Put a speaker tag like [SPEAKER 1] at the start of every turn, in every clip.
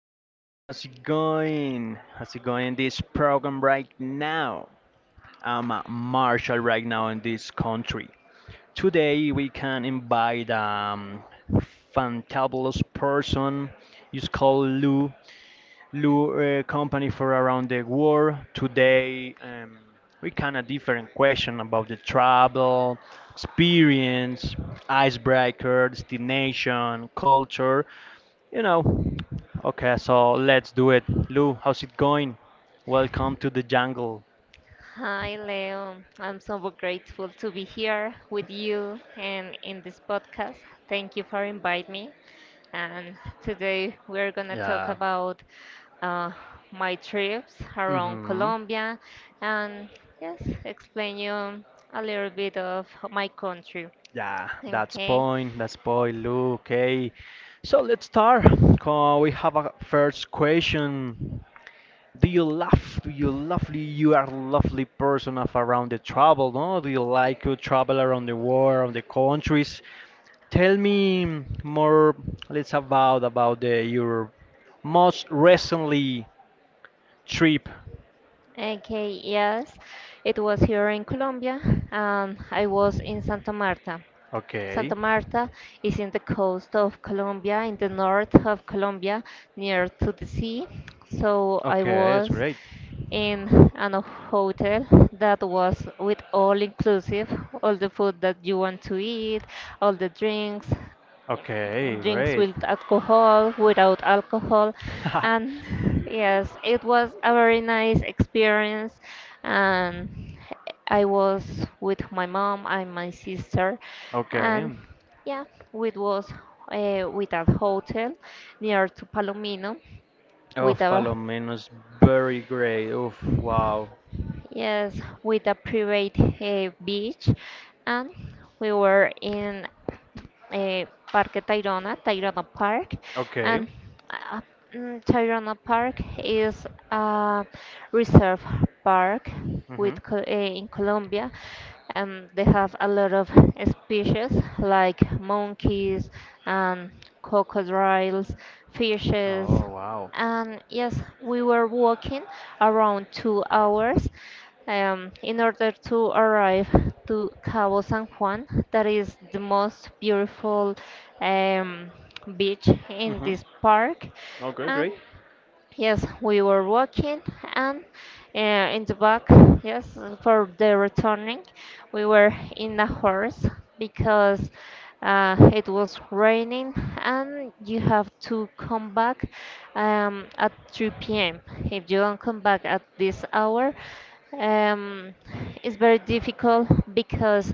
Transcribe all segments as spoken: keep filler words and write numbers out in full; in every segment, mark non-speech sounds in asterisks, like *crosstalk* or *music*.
[SPEAKER 1] how's it going? How's it going? How's it going in this program right now? I'm a marshal right now in this country. Today, we can invite um fantabulous person. It's called Lou. Lou uh, company for around the world. Today, um, we can a different question about the travel, experience, icebreaker, destination, culture, you know. Okay, so let's do it. Lou, how's it going? Welcome to the jungle.
[SPEAKER 2] Hi, Leo. I'm so grateful to be here with you and in this podcast. Thank you for inviting me. And today we're going to talk
[SPEAKER 1] Yeah.
[SPEAKER 2] about uh, my trips around
[SPEAKER 1] Mm-hmm.
[SPEAKER 2] Colombia and, yes, explain you a little bit of my country.
[SPEAKER 1] Yeah, that's
[SPEAKER 2] Okay.
[SPEAKER 1] point. That's point, Lou. Okay. So let's start. Uh, we have a first question. Do you love? Do you lovely? You are lovely person of around the travel, no? Do you like to travel around the world, around the countries? Tell me more. Let's about about the your most recently trip.
[SPEAKER 2] Okay, yes. It was here in Colombia. Um, I was in Santa Marta. Santa
[SPEAKER 1] Okay.
[SPEAKER 2] Marta is in the coast of Colombia, in the north of Colombia, near to the sea. So I
[SPEAKER 1] Okay, it's
[SPEAKER 2] was
[SPEAKER 1] great.
[SPEAKER 2] in an hotel that was with all inclusive, all the food that you want to eat, all the drinks
[SPEAKER 1] Okay,
[SPEAKER 2] drinks
[SPEAKER 1] great.
[SPEAKER 2] with alcohol, without alcohol,
[SPEAKER 1] *laughs*
[SPEAKER 2] and *laughs* yes, it was a very nice experience. And I was with my mom and my sister,
[SPEAKER 1] Okay.
[SPEAKER 2] and yeah, it was uh, with a hotel near to Palomino
[SPEAKER 1] Oh,
[SPEAKER 2] with a
[SPEAKER 1] Palomino's very great. Oof, wow.
[SPEAKER 2] yes with a private uh, beach and we were in uh, Parque Tayrona, Tayrona Park,
[SPEAKER 1] Okay.
[SPEAKER 2] and uh, mm, Tayrona Park is a reserve park
[SPEAKER 1] Mm-hmm.
[SPEAKER 2] with co- eh, in Colombia. Um, they have a lot of species like monkeys and crocodiles, fishes,
[SPEAKER 1] Oh, wow.
[SPEAKER 2] and yes, we were walking around two hours um, in order to arrive to Cabo San Juan, that is the most beautiful um, beach in
[SPEAKER 1] Mm-hmm.
[SPEAKER 2] this park.
[SPEAKER 1] Great,
[SPEAKER 2] And
[SPEAKER 1] great.
[SPEAKER 2] yes, we were walking, and uh, in the back, yes, for the returning, we were in a horse because uh, it was raining, and you have to come back um, at three p m. If you don't come back at this hour, um, it's very difficult because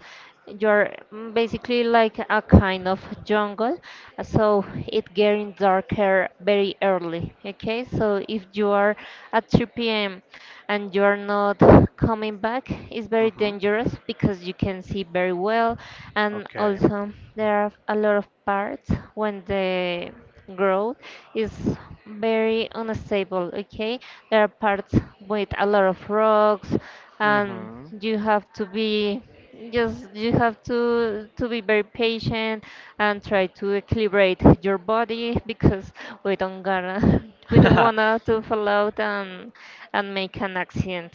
[SPEAKER 2] you're mm, basically like a kind of jungle, so it getting darker very early. Okay, so if you are at three p m and you are not coming back, it's very
[SPEAKER 1] Mm-hmm.
[SPEAKER 2] dangerous because you can see very well. And
[SPEAKER 1] Okay.
[SPEAKER 2] also, there are a lot of parts when the growth is very unstable, okay? There are parts with a lot of rocks, and
[SPEAKER 1] Mm-hmm.
[SPEAKER 2] you have to be, just you have to to be very patient and try to equilibrate your body because we don't gonna *laughs* we don't wanna
[SPEAKER 1] *laughs*
[SPEAKER 2] to fall out and and make an accident.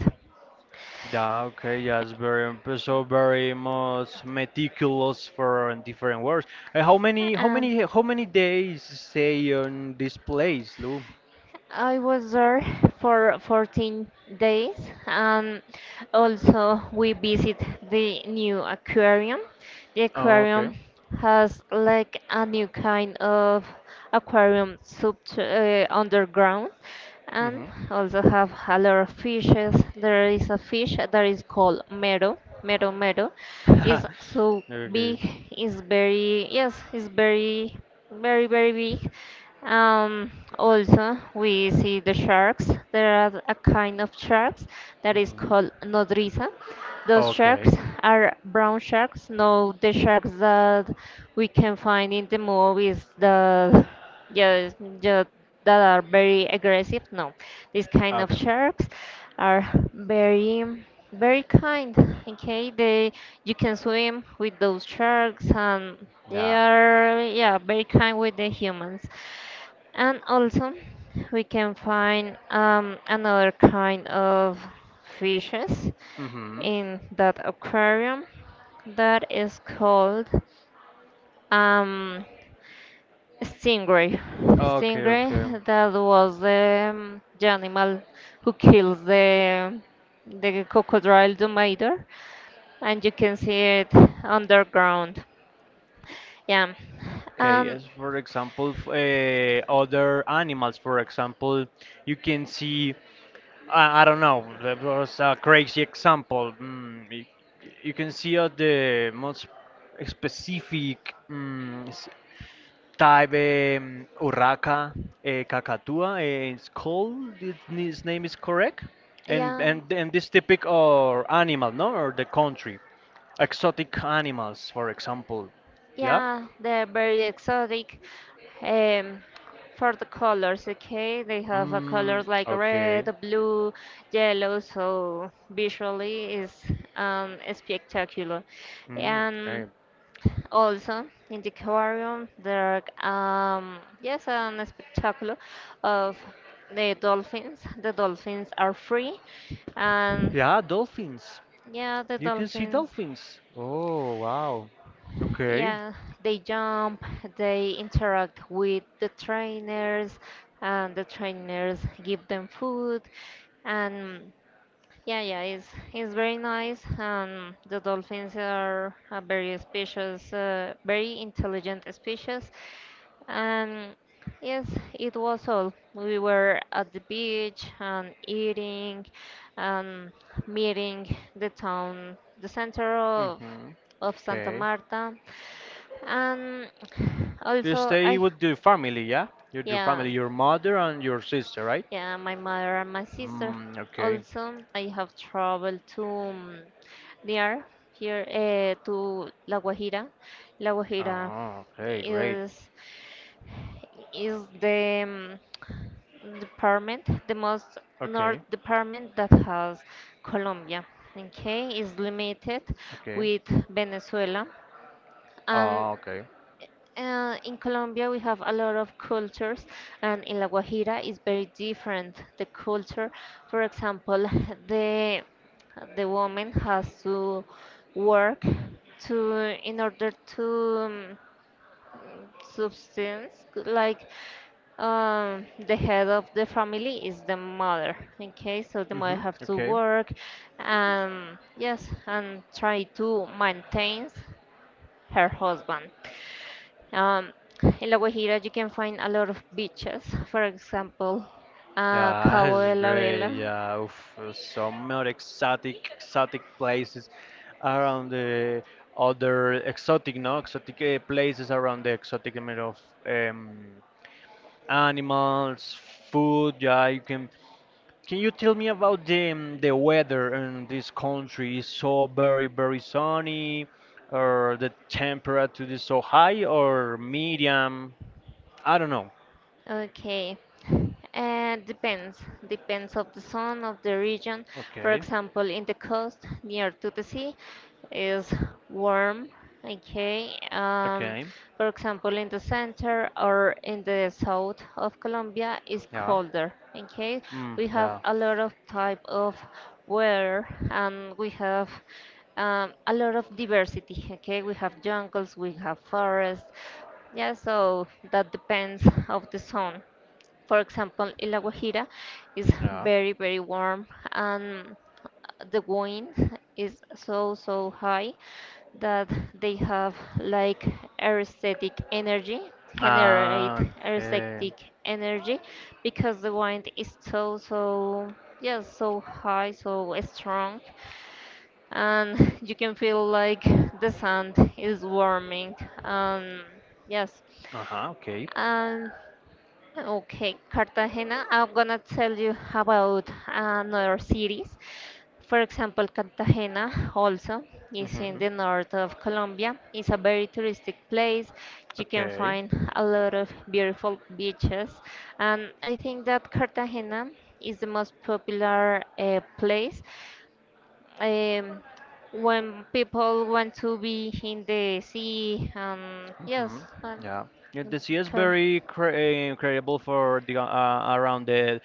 [SPEAKER 1] Yeah, okay, yeah, it's very so very much meticulous for different words. Uh, how many how
[SPEAKER 2] And
[SPEAKER 1] many how many days stay on this place, Lou?
[SPEAKER 2] I was there for fourteen days, and also we visit the new aquarium. The
[SPEAKER 1] Oh, okay.
[SPEAKER 2] aquarium has like a new kind of aquarium sub uh, underground, and
[SPEAKER 1] Mm-hmm.
[SPEAKER 2] also have a lot of fishes. There is a fish that is called mero, mero mero. Is
[SPEAKER 1] *laughs*
[SPEAKER 2] so big,
[SPEAKER 1] Okay.
[SPEAKER 2] it's very, yes, it's very very very big. um, Also, we see the sharks. There are a kind of sharks that is
[SPEAKER 1] Hmm.
[SPEAKER 2] called nodriza. Those sharks
[SPEAKER 1] Okay.
[SPEAKER 2] are brown sharks, no, the sharks that we can find in the movies that, yeah, yeah, that are very aggressive. No, these kind of
[SPEAKER 1] Okay.
[SPEAKER 2] sharks are very very kind. Okay, they you can swim with those sharks, and they
[SPEAKER 1] Yeah.
[SPEAKER 2] are, yeah, very kind with the humans. And also, we can find um, another kind of fishes
[SPEAKER 1] Hmm.
[SPEAKER 2] in that aquarium that is called um, stingray.
[SPEAKER 1] Okay, okay.
[SPEAKER 2] Stingray, that was the, um, the animal who kills the the crocodile Domator, and you can see it underground. Yeah.
[SPEAKER 1] Okay,
[SPEAKER 2] Um,
[SPEAKER 1] yes, for example, f- eh, other animals, for example, you can see, I, I don't know, that was a crazy example. Mm, you, you can see uh, the most specific mm, s- type um, Urraca uh, cacatua. eh, it's called. Its, its name is correct, and
[SPEAKER 2] yeah,
[SPEAKER 1] and and this typic or animal, no, or the country, exotic animals, for example, yeah.
[SPEAKER 2] yeah, they're very exotic. Um, for the colors, okay, they have a
[SPEAKER 1] Mm,
[SPEAKER 2] colors like
[SPEAKER 1] okay.
[SPEAKER 2] red, blue, yellow, so visually is um, spectacular.
[SPEAKER 1] Mm, okay.
[SPEAKER 2] And also in the aquarium, there are, um, yes, a spectacle of the dolphins. The dolphins are free, and,
[SPEAKER 1] Yeah, dolphins.
[SPEAKER 2] yeah, the
[SPEAKER 1] You can see
[SPEAKER 2] dolphins.
[SPEAKER 1] dolphins. Oh, wow. Okay.
[SPEAKER 2] Yeah, they jump, they interact with the trainers, and the trainers give them food. And, yeah, yeah, it's it's very nice. And the dolphins are a very species, uh, very intelligent species. And yes, it was all. We were at the beach and eating, and meeting the town, the center of
[SPEAKER 1] Mm-hmm.
[SPEAKER 2] of Santa
[SPEAKER 1] Okay.
[SPEAKER 2] Marta, and
[SPEAKER 1] You
[SPEAKER 2] also
[SPEAKER 1] stay
[SPEAKER 2] I.
[SPEAKER 1] with your family, yeah? Your, your
[SPEAKER 2] yeah
[SPEAKER 1] family, your mother and your sister, right?
[SPEAKER 2] yeah, my mother and my sister.
[SPEAKER 1] Mm, okay.
[SPEAKER 2] Also, I have traveled to, um, near here, uh, to La Guajira. La Guajira
[SPEAKER 1] Oh, okay, great.
[SPEAKER 2] is is the um, department, the most north
[SPEAKER 1] Okay,
[SPEAKER 2] department that has Colombia. Okay, is limited
[SPEAKER 1] okay.
[SPEAKER 2] with Venezuela, and,
[SPEAKER 1] Ah, okay.
[SPEAKER 2] uh, in Colombia, we have a lot of cultures, and in La Guajira is very different. The culture, for example, *laughs* the the woman has to work to in order to um, subsistence. Like, um, the head of the family is the mother. Okay, so the mother
[SPEAKER 1] Mm-hmm.
[SPEAKER 2] have to
[SPEAKER 1] Okay.
[SPEAKER 2] work, and yes, and try to maintain her husband. Um, in La Guajira, you can find a lot of beaches. For example, uh,
[SPEAKER 1] Yeah, *laughs*
[SPEAKER 2] Cabo
[SPEAKER 1] it's
[SPEAKER 2] de la
[SPEAKER 1] great.
[SPEAKER 2] Vela.
[SPEAKER 1] Yeah, oof, uh, some more exotic, exotic places around the other exotic, no, exotic uh, places around the exotic element of um, animals, food. Yeah, you can. Can you tell me about the um, the weather in this country? Is so very, very sunny, or the temperature is so high, or medium? I don't know.
[SPEAKER 2] Okay. Uh, depends. Depends of the zone of the region. For
[SPEAKER 1] Okay.
[SPEAKER 2] example, in the coast near to the sea is warm. Okay. Um,
[SPEAKER 1] Okay.
[SPEAKER 2] for example, in the center or in the south of Colombia is
[SPEAKER 1] Yeah.
[SPEAKER 2] colder. Okay.
[SPEAKER 1] Mm,
[SPEAKER 2] We have
[SPEAKER 1] yeah.
[SPEAKER 2] a lot of type of weather, and we have, um, a lot of diversity. Okay. We have jungles. We have forests, yeah, so that depends of the zone. For example, in La Guajira is
[SPEAKER 1] Yeah.
[SPEAKER 2] very, very warm, and the wind is so, so high that they have like aesthetic energy, generate
[SPEAKER 1] Ah, okay.
[SPEAKER 2] aesthetic energy because the wind is so, so, yeah, so high, so strong, and you can feel like the sand is warming. Um, yes,
[SPEAKER 1] Uh-huh, okay.
[SPEAKER 2] um, okay, Cartagena. I'm gonna tell you about another cities. For example, Cartagena also is in
[SPEAKER 1] Mm-hmm.
[SPEAKER 2] the north of Colombia. It's a very touristic place. You can
[SPEAKER 1] Okay.
[SPEAKER 2] find a lot of beautiful beaches, and I think that Cartagena is the most popular uh, place. Um, when people want to be in the sea, um, yes.
[SPEAKER 1] Mm-hmm.
[SPEAKER 2] um,
[SPEAKER 1] Yeah. Yeah,
[SPEAKER 2] in
[SPEAKER 1] the sea is
[SPEAKER 2] Car-
[SPEAKER 1] very cre- eh, incredible for the uh, around the,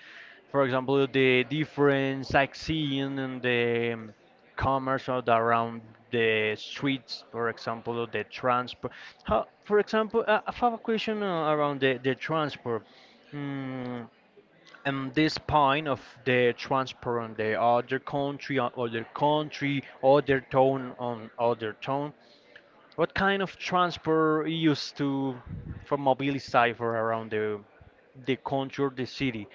[SPEAKER 1] for example, the different sightseeing and the um, commerce of the, around the streets, for example, the transport. How, for example, uh, I have a question uh, around the the transport. Mm, and this point of the transparent the other country or other country other town on other town what kind of transport used to for mobility cipher around the the country or the city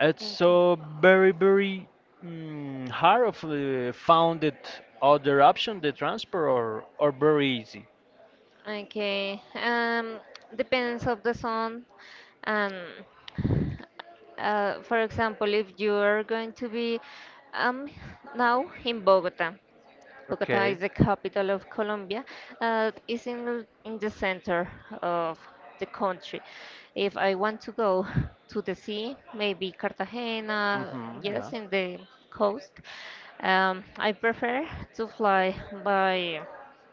[SPEAKER 1] it's
[SPEAKER 2] Thank you.
[SPEAKER 1] so very very mm, hard of uh, found it other option the transport or or very easy
[SPEAKER 2] Okay. Um, depends of the song. Um, uh, for example, if you are going to be um now in Bogota. Bogota
[SPEAKER 1] okay
[SPEAKER 2] is the capital of Colombia. Uh, it's in, in the center of the country. If I want to go to the sea, maybe Cartagena,
[SPEAKER 1] mm-hmm yeah
[SPEAKER 2] yes, in the coast. Um, I prefer to fly by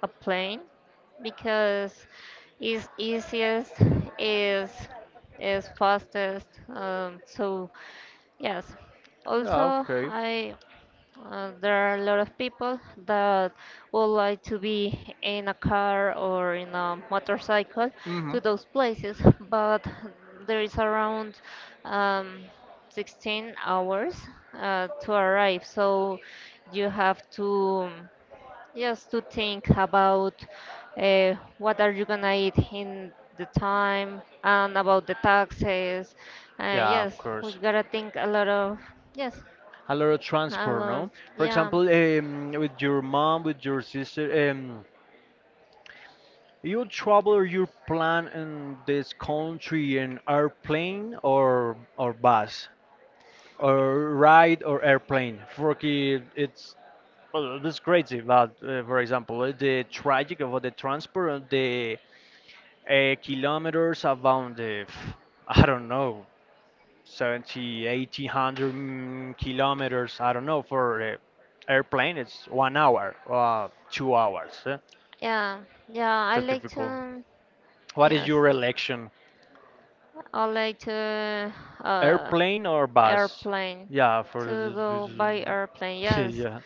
[SPEAKER 2] a plane because it's easiest, is is fastest. Um, so yes.
[SPEAKER 1] yeah
[SPEAKER 2] Also,
[SPEAKER 1] okay
[SPEAKER 2] I uh, there are a lot of people that would like to be in a car or in a motorcycle
[SPEAKER 1] hmm
[SPEAKER 2] to those places, but there is around, um, sixteen hours uh, to arrive. So you have to just to think about, uh, what are you gonna eat in the time and about the taxes. Uh,
[SPEAKER 1] yeah of
[SPEAKER 2] yes, we
[SPEAKER 1] course
[SPEAKER 2] gotta think a lot of, yes,
[SPEAKER 1] a lot of
[SPEAKER 2] a
[SPEAKER 1] transport,
[SPEAKER 2] lot.
[SPEAKER 1] no? For
[SPEAKER 2] Yeah.
[SPEAKER 1] example, um, with your mom, with your sister, um, you travel or you plan in this country in airplane or or bus or ride or airplane. For ki- it's well, that's crazy. But uh, for example, uh, the tragic of the transport, uh, the uh, kilometers about the *laughs* I don't know seventy, eighty, one hundred mm, kilometers. I don't know. For uh, airplane, it's one hour, uh, two hours. Eh?
[SPEAKER 2] Yeah, yeah, I
[SPEAKER 1] That's
[SPEAKER 2] like
[SPEAKER 1] difficult.
[SPEAKER 2] to,
[SPEAKER 1] What is
[SPEAKER 2] yes,
[SPEAKER 1] your election?
[SPEAKER 2] I like to uh,
[SPEAKER 1] Airplane or bus?
[SPEAKER 2] airplane,
[SPEAKER 1] Yeah, for
[SPEAKER 2] to go by airplane,
[SPEAKER 1] the- *laughs*
[SPEAKER 2] yes.
[SPEAKER 1] yeah.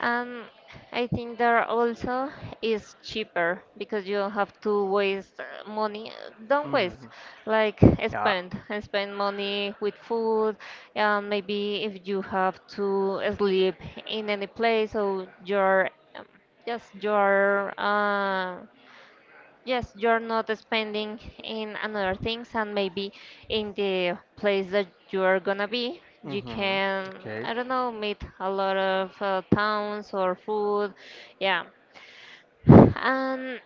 [SPEAKER 2] And I think there also is cheaper because you don't have to waste uh, money. uh, Don't waste,
[SPEAKER 1] Mhm.
[SPEAKER 2] like uh,
[SPEAKER 1] Yeah.
[SPEAKER 2] spend and spend money with food. And maybe if you have to sleep in any place, so your, um, yes, your. Are. Yes, you're not spending in another things, and maybe in the place that you're gonna be, you
[SPEAKER 1] Hmm.
[SPEAKER 2] can,
[SPEAKER 1] Okay.
[SPEAKER 2] I don't know, meet a lot of uh, towns or food. Yeah. And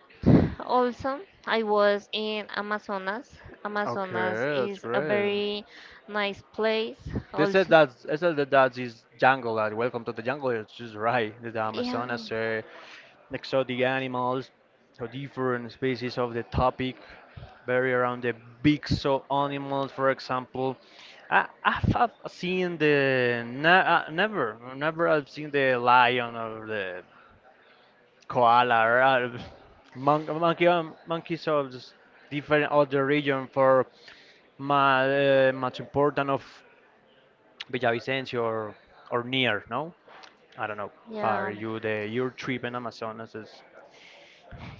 [SPEAKER 2] also, I was in Amazonas. Amazonas
[SPEAKER 1] Okay, that's
[SPEAKER 2] is a
[SPEAKER 1] great.
[SPEAKER 2] very nice place
[SPEAKER 1] They said
[SPEAKER 2] also.
[SPEAKER 1] that they said that that is jungle. That welcome to the jungle. It's just right. The
[SPEAKER 2] Yeah.
[SPEAKER 1] Amazonas. Uh, exotic animals so different species of the topic, very around the big so animals, for example. I, I've, have seen the ne uh, never, never I've seen the lion or the koala or uh, mon monkey, um, monkeys of s- different other region for my, uh, much important of Villavicencio or, or near, no? I don't know. For
[SPEAKER 2] Yeah.
[SPEAKER 1] you, the your trip in Amazonas is.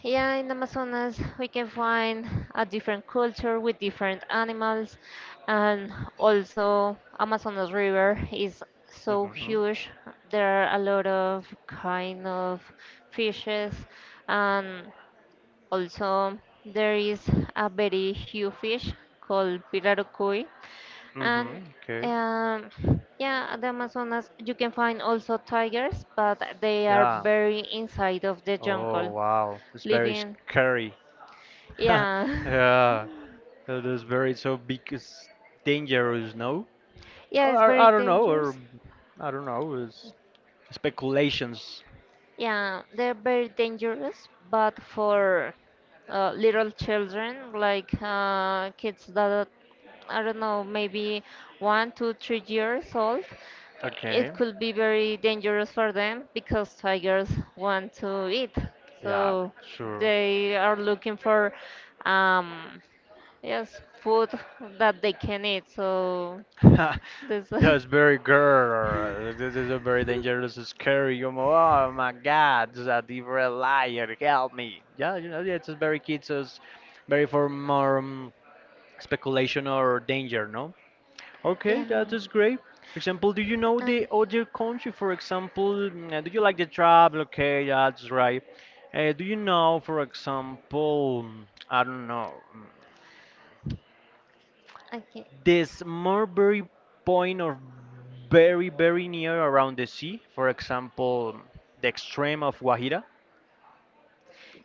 [SPEAKER 2] Yeah, in Amazonas we can find a different culture with different animals, and also Amazonas River is so
[SPEAKER 1] Mhm.
[SPEAKER 2] huge. There are a lot of kind of fishes, and also there is a very huge fish called pirarucuy, and,
[SPEAKER 1] Mm-hmm. Okay.
[SPEAKER 2] um, yeah, the Amazonas you can find also tigers, but they are
[SPEAKER 1] Yeah.
[SPEAKER 2] very inside of the
[SPEAKER 1] Oh
[SPEAKER 2] jungle
[SPEAKER 1] wow, it's very
[SPEAKER 2] living,
[SPEAKER 1] scary. *laughs*
[SPEAKER 2] yeah,
[SPEAKER 1] Yeah, it is very so big, it's dangerous. No,
[SPEAKER 2] *laughs* yeah, it's
[SPEAKER 1] or
[SPEAKER 2] very
[SPEAKER 1] I don't know, or
[SPEAKER 2] dangerous.
[SPEAKER 1] I don't know. It's speculations.
[SPEAKER 2] Yeah, they're very dangerous, but for uh, little children, like uh, kids that, I don't know, maybe one, two, three years old,
[SPEAKER 1] Okay.
[SPEAKER 2] it could be very dangerous for them because tigers want to eat.
[SPEAKER 1] Yeah.
[SPEAKER 2] So
[SPEAKER 1] Sure.
[SPEAKER 2] they are looking for, um, yes, food that they can eat. So
[SPEAKER 1] *laughs*
[SPEAKER 2] this,
[SPEAKER 1] That's very girl. This is a very dangerous, scary. You know, oh my God, it's a different liar. Help me. Yeah, you know, yeah, it's very kids, it's very for more um, speculation or danger, no?
[SPEAKER 2] *laughs*
[SPEAKER 1] Okay, that
[SPEAKER 2] yeah,
[SPEAKER 1] is great. For example, do you know
[SPEAKER 2] and.
[SPEAKER 1] the other country? For example, mm, uh, do you like the travel? Okay, that's right. Uh, do you know, for example, mm, I don't know, mm,
[SPEAKER 2] Okay.
[SPEAKER 1] this Mulberry Point or very, very near around the sea? For example, mm, the extreme of Guajira,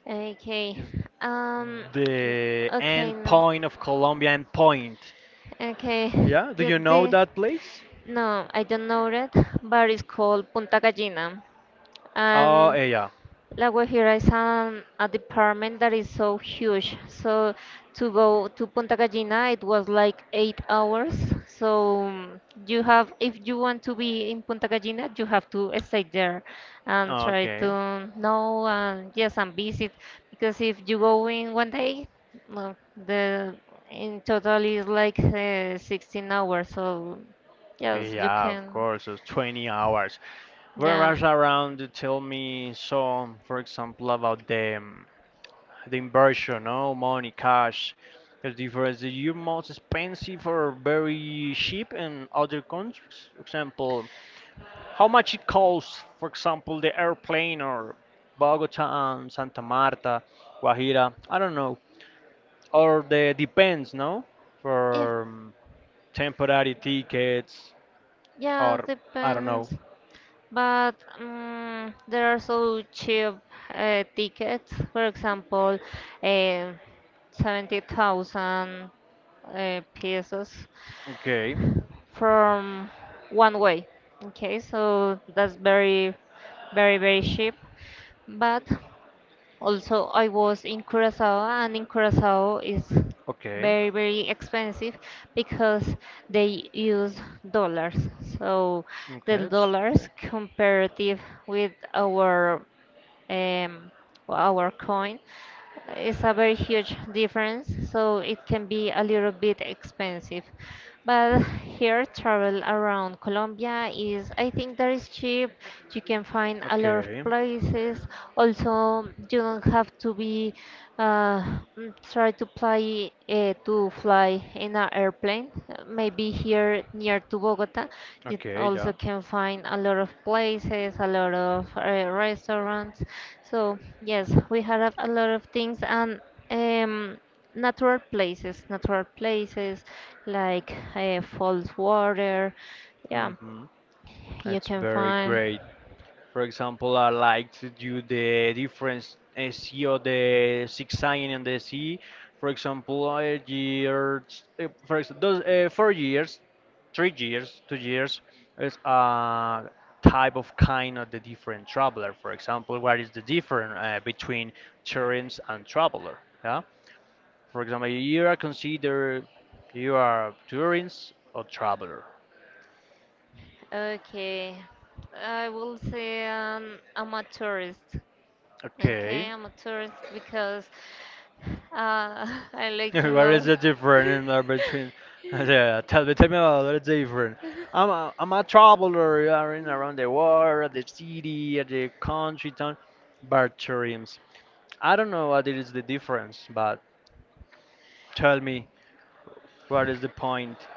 [SPEAKER 2] Okay.
[SPEAKER 1] just
[SPEAKER 2] Um.
[SPEAKER 1] the
[SPEAKER 2] Okay.
[SPEAKER 1] end
[SPEAKER 2] No.
[SPEAKER 1] point of Colombia end point.
[SPEAKER 2] Okay.
[SPEAKER 1] Yeah, do
[SPEAKER 2] The,
[SPEAKER 1] you know
[SPEAKER 2] the
[SPEAKER 1] that place?
[SPEAKER 2] no, I don't know it, but it's called Punta Gallina,
[SPEAKER 1] Oh,
[SPEAKER 2] and
[SPEAKER 1] eh, yeah.
[SPEAKER 2] La Guajira is an, a department that is so huge. So to go to Punta Gallina, it was like eight hours. So, mm, you have, if you want to be in Punta Gallina, you have to stay there and try
[SPEAKER 1] Okay.
[SPEAKER 2] to know and, yes, and visit because if you go in one day, well, the in total is like, uh, sixteen hours. So yes, you
[SPEAKER 1] Yeah, of
[SPEAKER 2] can,
[SPEAKER 1] course, it's twenty hours.
[SPEAKER 2] yeah,
[SPEAKER 1] Whereas around, you tell me some, for example, about the, um, the inversion, no money, cash. The difference is you most expensive or very cheap in other countries. For example, how much it costs, for example, the airplane or Bogota and Santa Marta, Guajira, I don't know. Or the depends, no?
[SPEAKER 2] yeah,
[SPEAKER 1] For um, temporary tickets
[SPEAKER 2] yeah,
[SPEAKER 1] or I don't know.
[SPEAKER 2] depends. But mm there are so cheap uh, tickets, for example, uh, seventy thousand uh, pesos
[SPEAKER 1] Okay.
[SPEAKER 2] from one way. Okay, so that's very, very, very cheap. But also, I was in Curacao, and in Curacao is
[SPEAKER 1] Okay,
[SPEAKER 2] very, very expensive because they use dollars. So the
[SPEAKER 1] okay, it's
[SPEAKER 2] dollars
[SPEAKER 1] drink.
[SPEAKER 2] comparative with our um, our coin is a very huge difference. So it can be a little bit expensive. But here, travel around Colombia is, I think, that is cheap. You can find a lot of
[SPEAKER 1] Okay,
[SPEAKER 2] places. Also, you don't have to be, uh, mm, try to fly, uh, to fly in an airplane. Uh, Maybe here near to Bogota, you
[SPEAKER 1] okay,
[SPEAKER 2] also
[SPEAKER 1] yeah.
[SPEAKER 2] can find a lot of places, a lot of uh, restaurants. So yes, we had a a lot of things, and. Um, Natural places, natural places like uh, falls water. Yeah,
[SPEAKER 1] Mm-hmm.
[SPEAKER 2] you
[SPEAKER 1] It's
[SPEAKER 2] can
[SPEAKER 1] very
[SPEAKER 2] find.
[SPEAKER 1] great. For example, I like to do the difference uh, sea the six sign and the C. For example, uh, years, uh, for example, those uh, four years, three years, two years is a type of kind of the different traveler. For example, what is the difference uh, between tourists and traveler? For example, you are considered you are a tourist or traveler.
[SPEAKER 2] Okay, I will say, um, I'm a tourist.
[SPEAKER 1] Okay.
[SPEAKER 2] Okay, I'm a tourist because uh, *laughs* I
[SPEAKER 1] *laughs*
[SPEAKER 2] like to
[SPEAKER 1] What is
[SPEAKER 2] know.
[SPEAKER 1] the
[SPEAKER 2] *laughs*
[SPEAKER 1] difference in, between? *laughs* Yeah, tell me, tell me about what is different. I'm a, I'm a traveler. You are in around the world, the city, the country, town, but tourism. I don't know what is the difference, but tell me what is the point.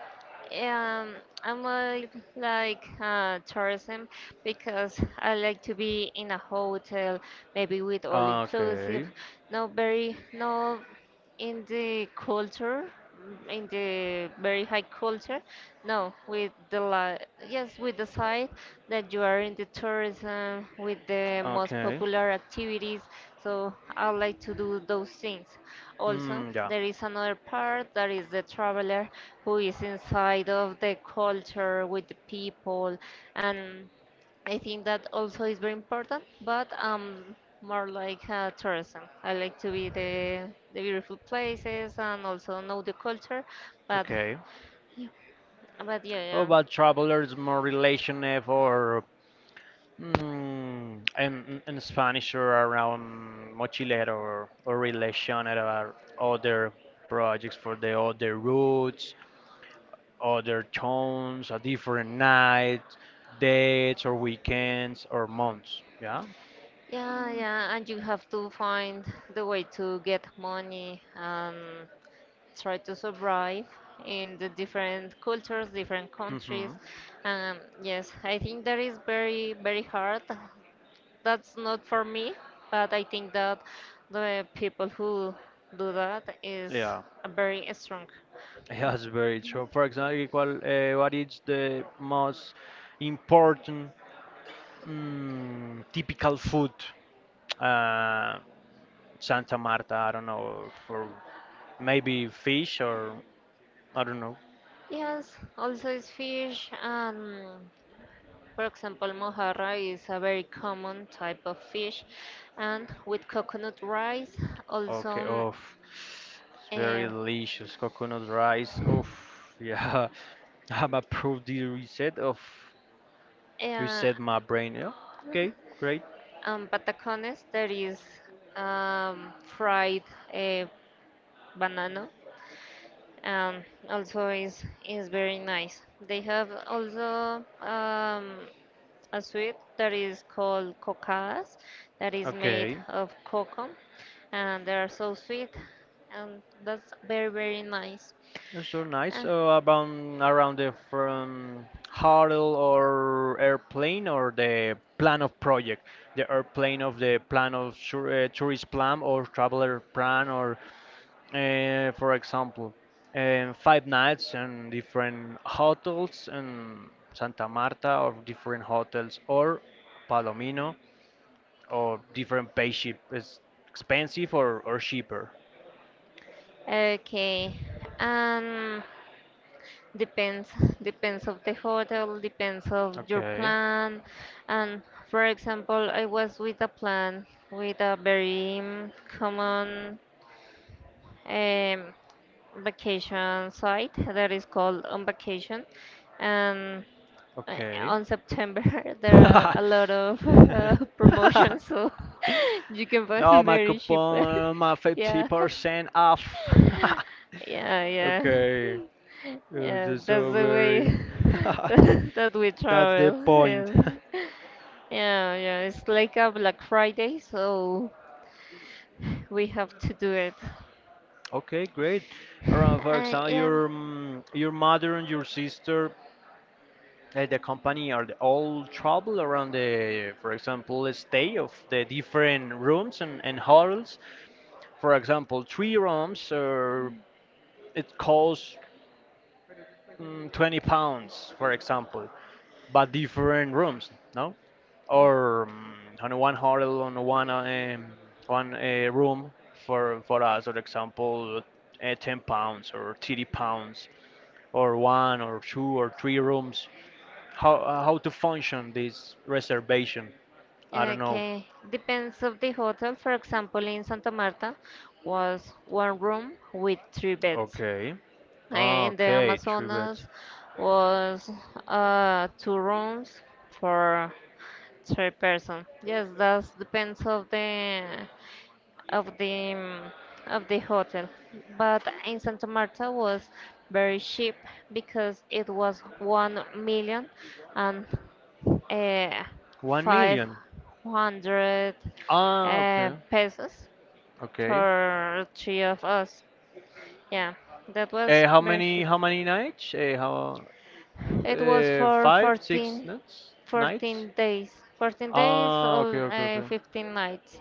[SPEAKER 2] Um, I'm like like uh, tourism because I like to be in a hotel, maybe with all inclusive,
[SPEAKER 1] Okay.
[SPEAKER 2] no, very no in the culture, mm, in the very high culture, no, with the la yes, we decide that you are in the tourism with the most
[SPEAKER 1] Okay.
[SPEAKER 2] popular activities, so I would like to do those things. Also,
[SPEAKER 1] Mm, yeah.
[SPEAKER 2] there is another part that is the traveler who is inside of the culture with the people, and I think that also is very important, but um more like uh, tourism. I like to be the the beautiful places and also know the culture, but
[SPEAKER 1] Okay.
[SPEAKER 2] but yeah,
[SPEAKER 1] What
[SPEAKER 2] yeah.
[SPEAKER 1] about travelers more relational or Mm, in, in Spanish or around Mochilero or, or relationed or other projects for the other routes, other tones, a different night, dates or weekends or months. Yeah.
[SPEAKER 2] Yeah, yeah, and you have to find the way to get money and try to survive in the different cultures, different countries.
[SPEAKER 1] Hmm.
[SPEAKER 2] Um, yes, I think that is very, very hard. That's not for me, but I think that the people who do that is
[SPEAKER 1] Yeah. *laughs*
[SPEAKER 2] very strong.
[SPEAKER 1] Yeah, that's very true. For example, ¿cuál, eh, what is the most important mm, typical food? Uh, Santa Marta, I don't know, for maybe fish or I don't know.
[SPEAKER 2] Yes, also is fish. Um, For example, mojarra is a very common type of fish, and with coconut rice,
[SPEAKER 1] Okay,
[SPEAKER 2] also
[SPEAKER 1] oh, it's very
[SPEAKER 2] eh,
[SPEAKER 1] delicious. Coconut rice. Oh, yeah. *laughs* I'm approved the reset of
[SPEAKER 2] eh,
[SPEAKER 1] reset my brain. Yeah. Okay, great.
[SPEAKER 2] um, patacones, that is um, fried eh, banana, and also is is very nice. They have also um, a sweet that is called cocadas, that is made
[SPEAKER 1] Okay,
[SPEAKER 2] of cocoa, and they are so sweet, and that's very very nice.
[SPEAKER 1] that's so nice.
[SPEAKER 2] Ah,
[SPEAKER 1] Uh, about around the from huddle or airplane or the plan of project, the airplane of the plan of tour, uh, tourist plan or traveler plan or Uh, for example, uh, five nights in different hotels in Santa Marta or different hotels or Palomino or different pay ship is expensive or, or cheaper.
[SPEAKER 2] okay. Um, depends, depends of the hotel, depends of your
[SPEAKER 1] Okay,
[SPEAKER 2] plan. And for example, I was with a plan with a very um, common um, vacation site that is called On Vacation, and uh,
[SPEAKER 1] okay.
[SPEAKER 2] on September *laughs* there are a
[SPEAKER 1] *laughs*
[SPEAKER 2] lot of uh, *laughs* promotions, so *laughs* you can
[SPEAKER 1] Oh,
[SPEAKER 2] find
[SPEAKER 1] my
[SPEAKER 2] very cheap. *laughs*
[SPEAKER 1] coupon, my
[SPEAKER 2] Yeah.
[SPEAKER 1] fifty percent off.
[SPEAKER 2] Yeah,
[SPEAKER 1] *laughs*
[SPEAKER 2] yeah.
[SPEAKER 1] Okay,
[SPEAKER 2] *laughs*
[SPEAKER 1] it
[SPEAKER 2] Yeah,
[SPEAKER 1] is
[SPEAKER 2] that's
[SPEAKER 1] so
[SPEAKER 2] the
[SPEAKER 1] very.
[SPEAKER 2] way
[SPEAKER 1] *laughs*
[SPEAKER 2] *laughs* that that we
[SPEAKER 1] That's the
[SPEAKER 2] travel.
[SPEAKER 1] point.
[SPEAKER 2] Yeah.
[SPEAKER 1] *laughs*
[SPEAKER 2] Yeah, yeah, it's like a Black Friday, so we have to do it.
[SPEAKER 1] Okay, great. Uh, for
[SPEAKER 2] I
[SPEAKER 1] example,
[SPEAKER 2] am
[SPEAKER 1] your mm, your mother and your sister at the company are they all travel around the, for example, stay of the different rooms and, and halls. For example, three rooms, uh, it costs mm, twenty pounds, for example, but different rooms, no? Or mm, on one hotel, on one uh, um, one uh, room for for us, for example, uh, ten pounds or thirty pounds, or one or two or three rooms. How uh, how to function this reservation? I don't know.
[SPEAKER 2] okay. Depends of the hotel. For example, in Santa Marta was one room with three beds.
[SPEAKER 1] Okay.
[SPEAKER 2] Uh,
[SPEAKER 1] Ah,
[SPEAKER 2] In the
[SPEAKER 1] okay, three beds.
[SPEAKER 2] Amazonas was uh, two rooms for third person. Yes, that depends of the of the um, of the hotel. But in Santa Marta was very cheap because it was one million and uh,
[SPEAKER 1] One
[SPEAKER 2] five
[SPEAKER 1] million.
[SPEAKER 2] hundred
[SPEAKER 1] Ah,
[SPEAKER 2] uh,
[SPEAKER 1] okay,
[SPEAKER 2] pesos
[SPEAKER 1] okay.
[SPEAKER 2] for three of us. Yeah, that was
[SPEAKER 1] Uh, how
[SPEAKER 2] very
[SPEAKER 1] many
[SPEAKER 2] cheap.
[SPEAKER 1] how many nights? Uh, how?
[SPEAKER 2] It was
[SPEAKER 1] Uh,
[SPEAKER 2] for
[SPEAKER 1] five, six
[SPEAKER 2] fourteen
[SPEAKER 1] nights? Nights?
[SPEAKER 2] fourteen days, fourteen days
[SPEAKER 1] Ah, okay,
[SPEAKER 2] or
[SPEAKER 1] okay,
[SPEAKER 2] uh,
[SPEAKER 1] okay.
[SPEAKER 2] fifteen nights.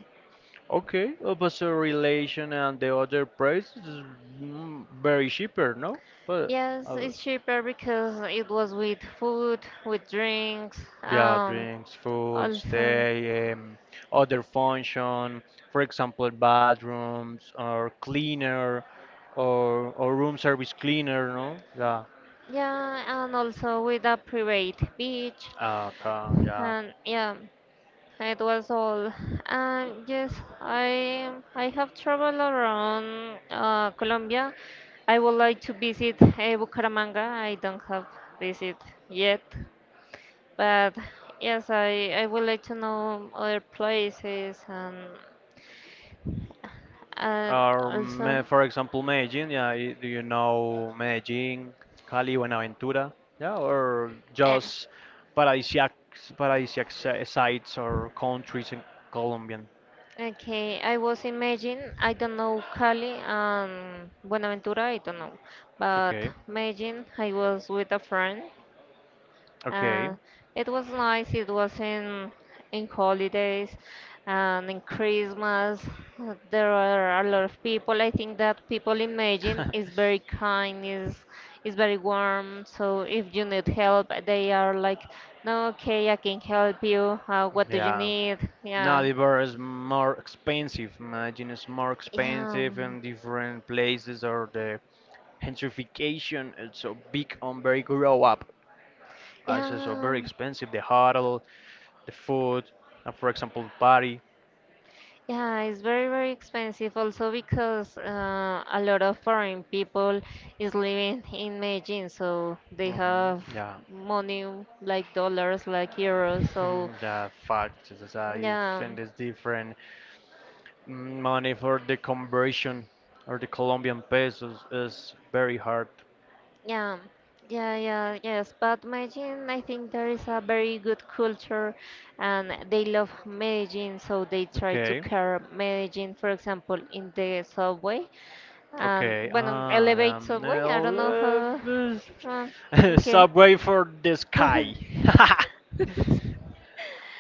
[SPEAKER 1] Okay, uh, but so relation and the other price is mm, very cheaper, no? But
[SPEAKER 2] Yes,
[SPEAKER 1] uh,
[SPEAKER 2] it's cheaper because it was with food, with drinks,
[SPEAKER 1] yeah,
[SPEAKER 2] um,
[SPEAKER 1] drinks, food,
[SPEAKER 2] also,
[SPEAKER 1] stay, um, other function, for example, bathrooms or cleaner or or room service cleaner, no? Yeah.
[SPEAKER 2] yeah, and also with a private beach,
[SPEAKER 1] Ah, okay, yeah.
[SPEAKER 2] and yeah, it was all. Um, yes, I I have traveled around uh, Colombia. I would like to visit uh, Bucaramanga. I don't have visit yet, but yes, I I would like to know other places and and
[SPEAKER 1] Or,
[SPEAKER 2] also
[SPEAKER 1] me- for example, Medellin. Yeah, i- do you know Medellin, Cali, Buenaventura? Yeah, or
[SPEAKER 2] eh,
[SPEAKER 1] just paradisiac, paradisiac si- sites or countries in Colombian.
[SPEAKER 2] okay, I was imagine, I don't know Cali and Buenaventura, I don't know, but
[SPEAKER 1] Okay.
[SPEAKER 2] imagine I was with a friend.
[SPEAKER 1] Okay.
[SPEAKER 2] Uh, it was nice. It was in in holidays and in Christmas. uh, There are a lot of people. I think that people imagine is
[SPEAKER 1] *laughs*
[SPEAKER 2] very kind, is is very warm. So if you need help, they are like, no, okay, I can help you. Uh, what do you
[SPEAKER 1] Yeah.
[SPEAKER 2] need?
[SPEAKER 1] Now
[SPEAKER 2] Yeah,
[SPEAKER 1] the bar is more expensive. Medellin is more
[SPEAKER 2] yeah,
[SPEAKER 1] expensive
[SPEAKER 2] um,
[SPEAKER 1] in different places or the gentrification is so big on very grow up.
[SPEAKER 2] yeah.
[SPEAKER 1] Also, so very
[SPEAKER 2] um,
[SPEAKER 1] expensive. The hotel, the food, and for example, party.
[SPEAKER 2] Yeah, it's very, very expensive also because uh, a lot of foreign people is living in Beijing, so they
[SPEAKER 1] Mhm.
[SPEAKER 2] have
[SPEAKER 1] Yeah,
[SPEAKER 2] money like dollars, like euros. So
[SPEAKER 1] *laughs* yeah, fact. Is you
[SPEAKER 2] yeah,
[SPEAKER 1] think it's different. Mm, money for the conversion or the Colombian pesos is very hard.
[SPEAKER 2] yeah, yeah, yeah, yes. But Beijing, I think there is a very good culture, and they love Beijing, so they try to
[SPEAKER 1] Okay,
[SPEAKER 2] care Beijing, for example, in the subway. Um,
[SPEAKER 1] okay.
[SPEAKER 2] bueno,
[SPEAKER 1] Ah,
[SPEAKER 2] Elevate
[SPEAKER 1] um,
[SPEAKER 2] Subway, I don't
[SPEAKER 1] well,
[SPEAKER 2] know
[SPEAKER 1] uh,
[SPEAKER 2] how.
[SPEAKER 1] this-
[SPEAKER 2] Uh,
[SPEAKER 1] *laughs*
[SPEAKER 2] okay.
[SPEAKER 1] subway for the sky.
[SPEAKER 2] *laughs*
[SPEAKER 1] *laughs*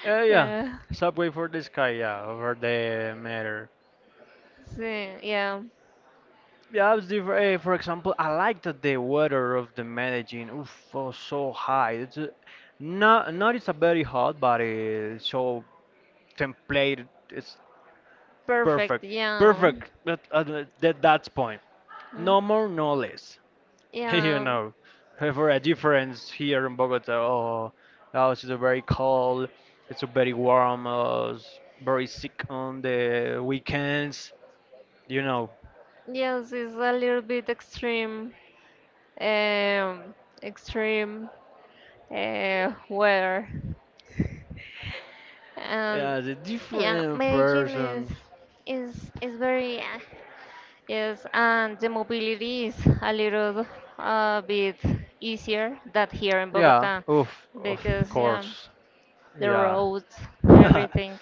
[SPEAKER 1] Uh, yeah,
[SPEAKER 2] Yeah.
[SPEAKER 1] subway for the sky. Yeah, over the matter.
[SPEAKER 2] Sí, yeah.
[SPEAKER 1] Yeah, it's different. Uh, for example, I like that the weather of the Medellin, oof, was so high. It's uh, not not it's a very hot, but uh, so template. It's
[SPEAKER 2] Perfect.
[SPEAKER 1] perfect,
[SPEAKER 2] Yeah.
[SPEAKER 1] perfect at, at, uh, that that's point.
[SPEAKER 2] Mm,
[SPEAKER 1] No more, no less. *laughs* You
[SPEAKER 2] yeah.
[SPEAKER 1] know, for a difference here in Bogota, oh, oh, it's very cold. It's very warm. Uh, it's very sick on the weekends. You know,
[SPEAKER 2] Yes, it's a little bit extreme. Um, Extreme uh, weather. And
[SPEAKER 1] yeah, the
[SPEAKER 2] yeah,
[SPEAKER 1] different
[SPEAKER 2] Medellin is
[SPEAKER 1] persons.
[SPEAKER 2] is is very. Yes, and the mobility is a little uh, bit easier than here in
[SPEAKER 1] Yeah,
[SPEAKER 2] Bogota
[SPEAKER 1] oof, of
[SPEAKER 2] because yeah,
[SPEAKER 1] course.
[SPEAKER 2] the
[SPEAKER 1] Yeah.
[SPEAKER 2] roads,
[SPEAKER 1] *laughs*
[SPEAKER 2] everything.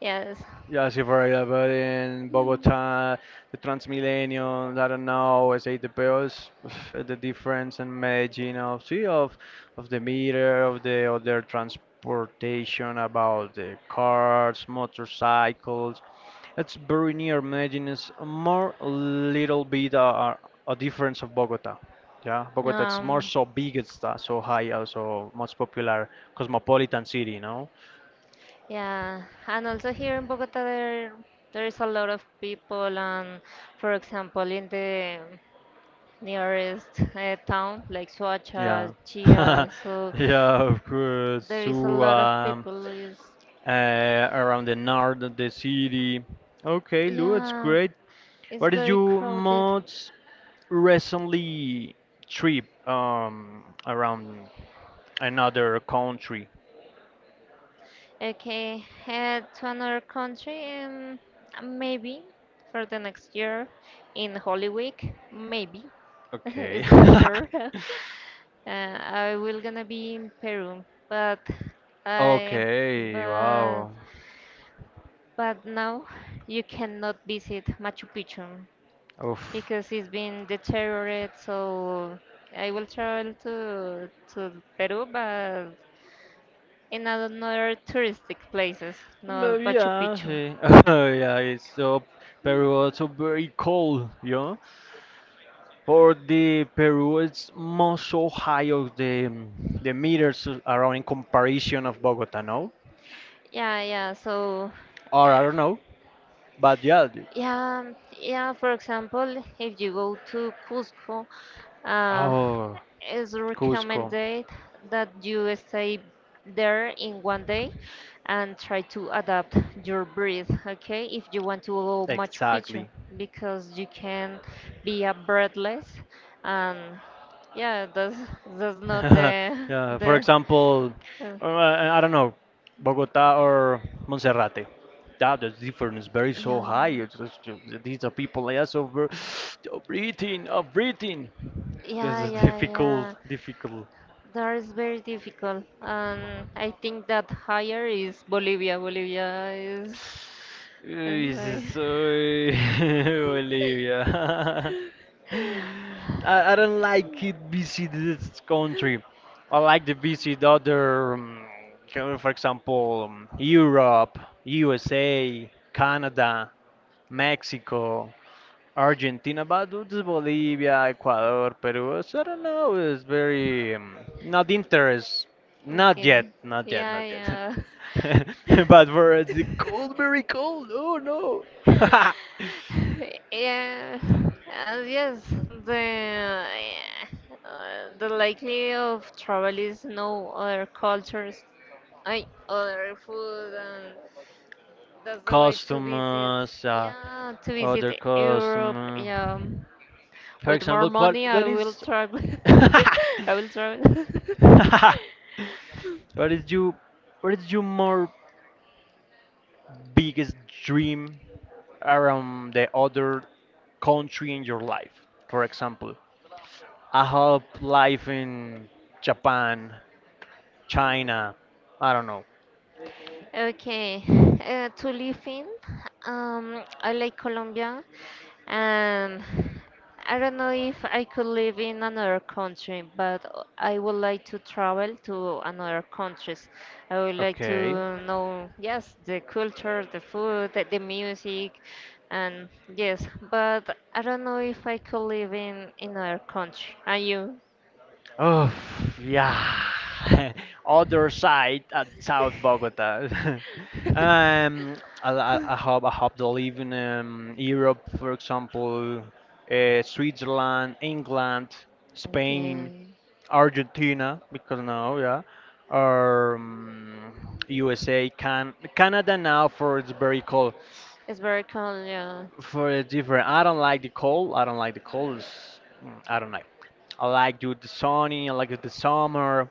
[SPEAKER 2] Yes.
[SPEAKER 1] Yeah, sí, for allá, but in Bogotá, the Transmillennium, I don't know, es A T P Os, *sighs* the difference in Medellin of, see, of, of the meter, of the other transportation, about the cars, motorcycles, it's very near Medellin. It's a more little bit uh, uh, a difference of Bogota. Yeah, Bogota it's more
[SPEAKER 2] Um,
[SPEAKER 1] so big, it's uh, so high, also most popular cosmopolitan city, no?
[SPEAKER 2] yeah, and also here in Bogota there there is a lot of people, and for example in the nearest uh, town like
[SPEAKER 1] Yeah,
[SPEAKER 2] Soacha,
[SPEAKER 1] *laughs* yeah,
[SPEAKER 2] Chia, so
[SPEAKER 1] of course.
[SPEAKER 2] there is a
[SPEAKER 1] So
[SPEAKER 2] lot of
[SPEAKER 1] um,
[SPEAKER 2] people is
[SPEAKER 1] uh, around the north of the city. Okay, Lou, it's
[SPEAKER 2] yeah,
[SPEAKER 1] great.
[SPEAKER 2] it's
[SPEAKER 1] What is
[SPEAKER 2] very
[SPEAKER 1] your
[SPEAKER 2] crowded.
[SPEAKER 1] most recently trip um around another country?
[SPEAKER 2] Okay, head to another country, um, maybe for the next year in Holy Week, maybe. *laughs*
[SPEAKER 1] Okay.
[SPEAKER 2] It's not sure.
[SPEAKER 1] *laughs*
[SPEAKER 2] *laughs* uh, I will gonna be in Peru, but I
[SPEAKER 1] Okay,
[SPEAKER 2] but
[SPEAKER 1] wow.
[SPEAKER 2] but now you cannot visit Machu Picchu
[SPEAKER 1] Oof.
[SPEAKER 2] because it's been deteriorated. So I will travel to to Peru, but in another touristic places,
[SPEAKER 1] But
[SPEAKER 2] not Machu
[SPEAKER 1] yeah,
[SPEAKER 2] Picchu.
[SPEAKER 1] see. *laughs* Yeah, it's so Peru also very cold, you know. For the Peru, it's more so high of the um, the meters around in comparison of Bogota, no?
[SPEAKER 2] Yeah, yeah. So,
[SPEAKER 1] Or I
[SPEAKER 2] eh,
[SPEAKER 1] don't know. But yeah. the-
[SPEAKER 2] yeah, yeah. For example, if you go to Cusco, uh,
[SPEAKER 1] Oh,
[SPEAKER 2] it's
[SPEAKER 1] Cusco.
[SPEAKER 2] recommended that you stay there in one day and try to adapt your breath, okay? If you want to go Machu Picchu,
[SPEAKER 1] Exactly.
[SPEAKER 2] because you can be a breathless, and yeah, that's that's not
[SPEAKER 1] *laughs*
[SPEAKER 2] the *laughs*
[SPEAKER 1] Yeah, for
[SPEAKER 2] the
[SPEAKER 1] example,
[SPEAKER 2] uh,
[SPEAKER 1] uh, I don't know, Bogota or Monserrate. That the difference very so
[SPEAKER 2] yeah,
[SPEAKER 1] high. It's, it's, these are people like us over *sighs* oh, breathing, oh, breathing. This
[SPEAKER 2] yeah,
[SPEAKER 1] is *laughs*
[SPEAKER 2] yeah,
[SPEAKER 1] difficult,
[SPEAKER 2] yeah.
[SPEAKER 1] difficult. *sighs*
[SPEAKER 2] That is very difficult. And I think that higher is Bolivia. Bolivia is.
[SPEAKER 1] This is
[SPEAKER 2] I'm
[SPEAKER 1] so
[SPEAKER 2] *laughs*
[SPEAKER 1] *laughs* Bolivia. *laughs* I, I don't like it visit this country. I like to visit other, um, co- for example, um, Europe, U S A, Canada, Mexico, Argentina, but not just Bolivia, Ecuador, Peru. So I don't know. It's very um, not interest. Not
[SPEAKER 2] Okay.
[SPEAKER 1] yet. Not yet.
[SPEAKER 2] Yeah,
[SPEAKER 1] Not yet.
[SPEAKER 2] yeah.
[SPEAKER 1] *laughs* But for it's cold, very cold. Oh no.
[SPEAKER 2] *laughs* yeah. Uh, yes, the uh, the likely of travel is no other cultures, I other food, and that's
[SPEAKER 1] *laughs*
[SPEAKER 2] the way to visit.
[SPEAKER 1] Customers. Uh,
[SPEAKER 2] Yeah, to
[SPEAKER 1] Other
[SPEAKER 2] visit Europe.
[SPEAKER 1] customer.
[SPEAKER 2] Yeah,
[SPEAKER 1] For
[SPEAKER 2] with more
[SPEAKER 1] example, qual
[SPEAKER 2] money, I
[SPEAKER 1] what
[SPEAKER 2] will
[SPEAKER 1] is
[SPEAKER 2] travel.
[SPEAKER 1] *laughs*
[SPEAKER 2] *laughs* I will travel. *laughs*
[SPEAKER 1] what is you what is your more biggest dream around the other country in your life? For example, I hope life in Japan, China, I don't know.
[SPEAKER 2] Okay, uh, to live in, um, I like Colombia, and I don't know if I could live in another country, but o- I would like to travel to another countries. I would like
[SPEAKER 1] Okay.
[SPEAKER 2] to know, yes, the culture, the food, the, the music, and yes, but I don't know if I could live in in another country. Are you?
[SPEAKER 1] Oh, yeah. *laughs* Other side at South Bogota. *laughs* Um, I, I, I hope I hope they live in um, Europe, for example, uh, Switzerland, England,
[SPEAKER 2] Okay.
[SPEAKER 1] Spain, Argentina, because now, yeah, or um, U S A, can Canada now for it's very cold,
[SPEAKER 2] It's very cold, yeah.
[SPEAKER 1] for it's different. I don't like the cold. I don't like the cold. It's- mm, I don't like. I like to the sunny. I like the summer.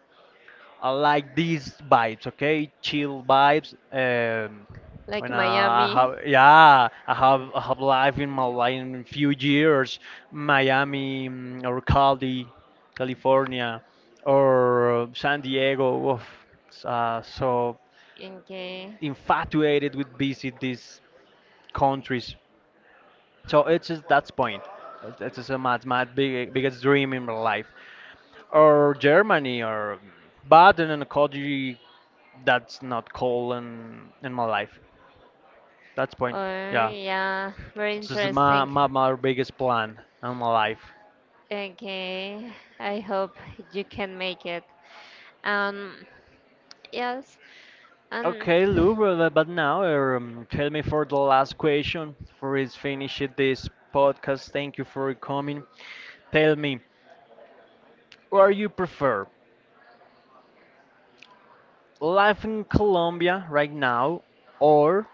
[SPEAKER 1] I like these vibes, okay? Chill vibes. Um,
[SPEAKER 2] Like
[SPEAKER 1] when I
[SPEAKER 2] Miami.
[SPEAKER 1] have, yeah, I have, I have life in my life in few years, Miami, mm, or Cali, California, or uh, San Diego. Oof. S- Uh, so
[SPEAKER 2] Okay.
[SPEAKER 1] infatuated with visit these countries. So it's just that's point. It's it's just a mad, mad big, biggest dream in my life, or Germany, or but in a country that's not cold in in my life. That's
[SPEAKER 2] Oh,
[SPEAKER 1] point. Yeah,
[SPEAKER 2] yeah. Very
[SPEAKER 1] it's just my
[SPEAKER 2] interesting.
[SPEAKER 1] my, my biggest plan in my life.
[SPEAKER 2] Okay. I hope you can make it. Um, yes. Um,
[SPEAKER 1] Okay, Lou, but but now um, tell me for the last question for is finishing this podcast. Thank you for coming. Tell me, where you prefer life in Colombia right now, or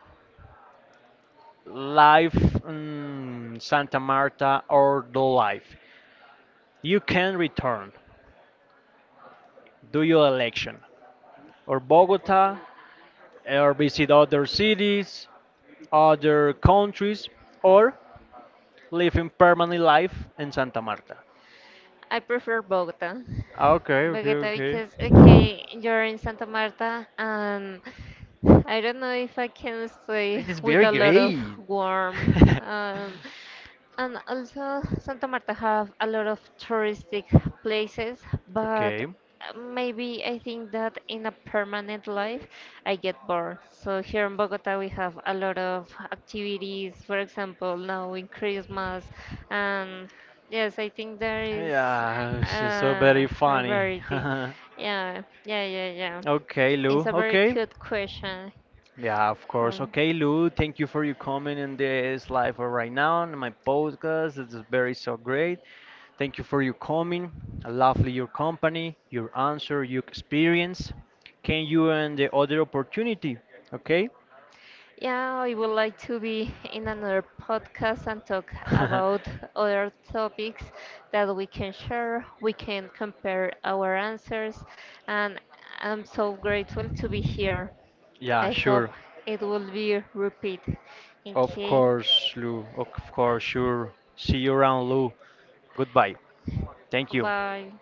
[SPEAKER 1] life, mm, Santa Marta or the life. You can return, do your election, or Bogota, or visit other cities, other countries, or live in permanent life in Santa Marta.
[SPEAKER 2] I prefer Bogota.
[SPEAKER 1] Okay, okay,
[SPEAKER 2] Bogota because
[SPEAKER 1] okay.
[SPEAKER 2] okay, you're in Santa Marta and I don't know if I can stay
[SPEAKER 1] It is
[SPEAKER 2] with
[SPEAKER 1] very
[SPEAKER 2] a lot of
[SPEAKER 1] great.
[SPEAKER 2] warm,
[SPEAKER 1] *laughs*
[SPEAKER 2] um, and also Santa Marta have a lot of touristic places, but
[SPEAKER 1] Okay.
[SPEAKER 2] uh, maybe I think that in a permanent life I get bored. So here in Bogota we have a lot of activities, for example now in Christmas. And yes, I think there is
[SPEAKER 1] Yeah, she's so
[SPEAKER 2] uh,
[SPEAKER 1] very
[SPEAKER 2] a
[SPEAKER 1] funny. *laughs*
[SPEAKER 2] variety. Yeah, yeah, yeah, yeah.
[SPEAKER 1] Okay,
[SPEAKER 2] It's
[SPEAKER 1] Lou.
[SPEAKER 2] a very
[SPEAKER 1] Okay.
[SPEAKER 2] cute question.
[SPEAKER 1] Yeah, of course.
[SPEAKER 2] Um,
[SPEAKER 1] Okay, Lou, thank you for your comment in this live or right now on my podcast. This is very so great. Thank you for your comment. I lovely your company, your answer, your experience. Can you and the other opportunity? Okay?
[SPEAKER 2] yeah, I would like to be in another podcast and talk
[SPEAKER 1] *laughs*
[SPEAKER 2] about other topics that we can share. We can compare our answers, and I'm so grateful to be here.
[SPEAKER 1] Yeah,
[SPEAKER 2] I hope
[SPEAKER 1] sure.
[SPEAKER 2] it will be repeat.
[SPEAKER 1] Of
[SPEAKER 2] Okay,
[SPEAKER 1] course, Lou. Of course, sure. See you around, Lou. Goodbye. Thank you.
[SPEAKER 2] bye.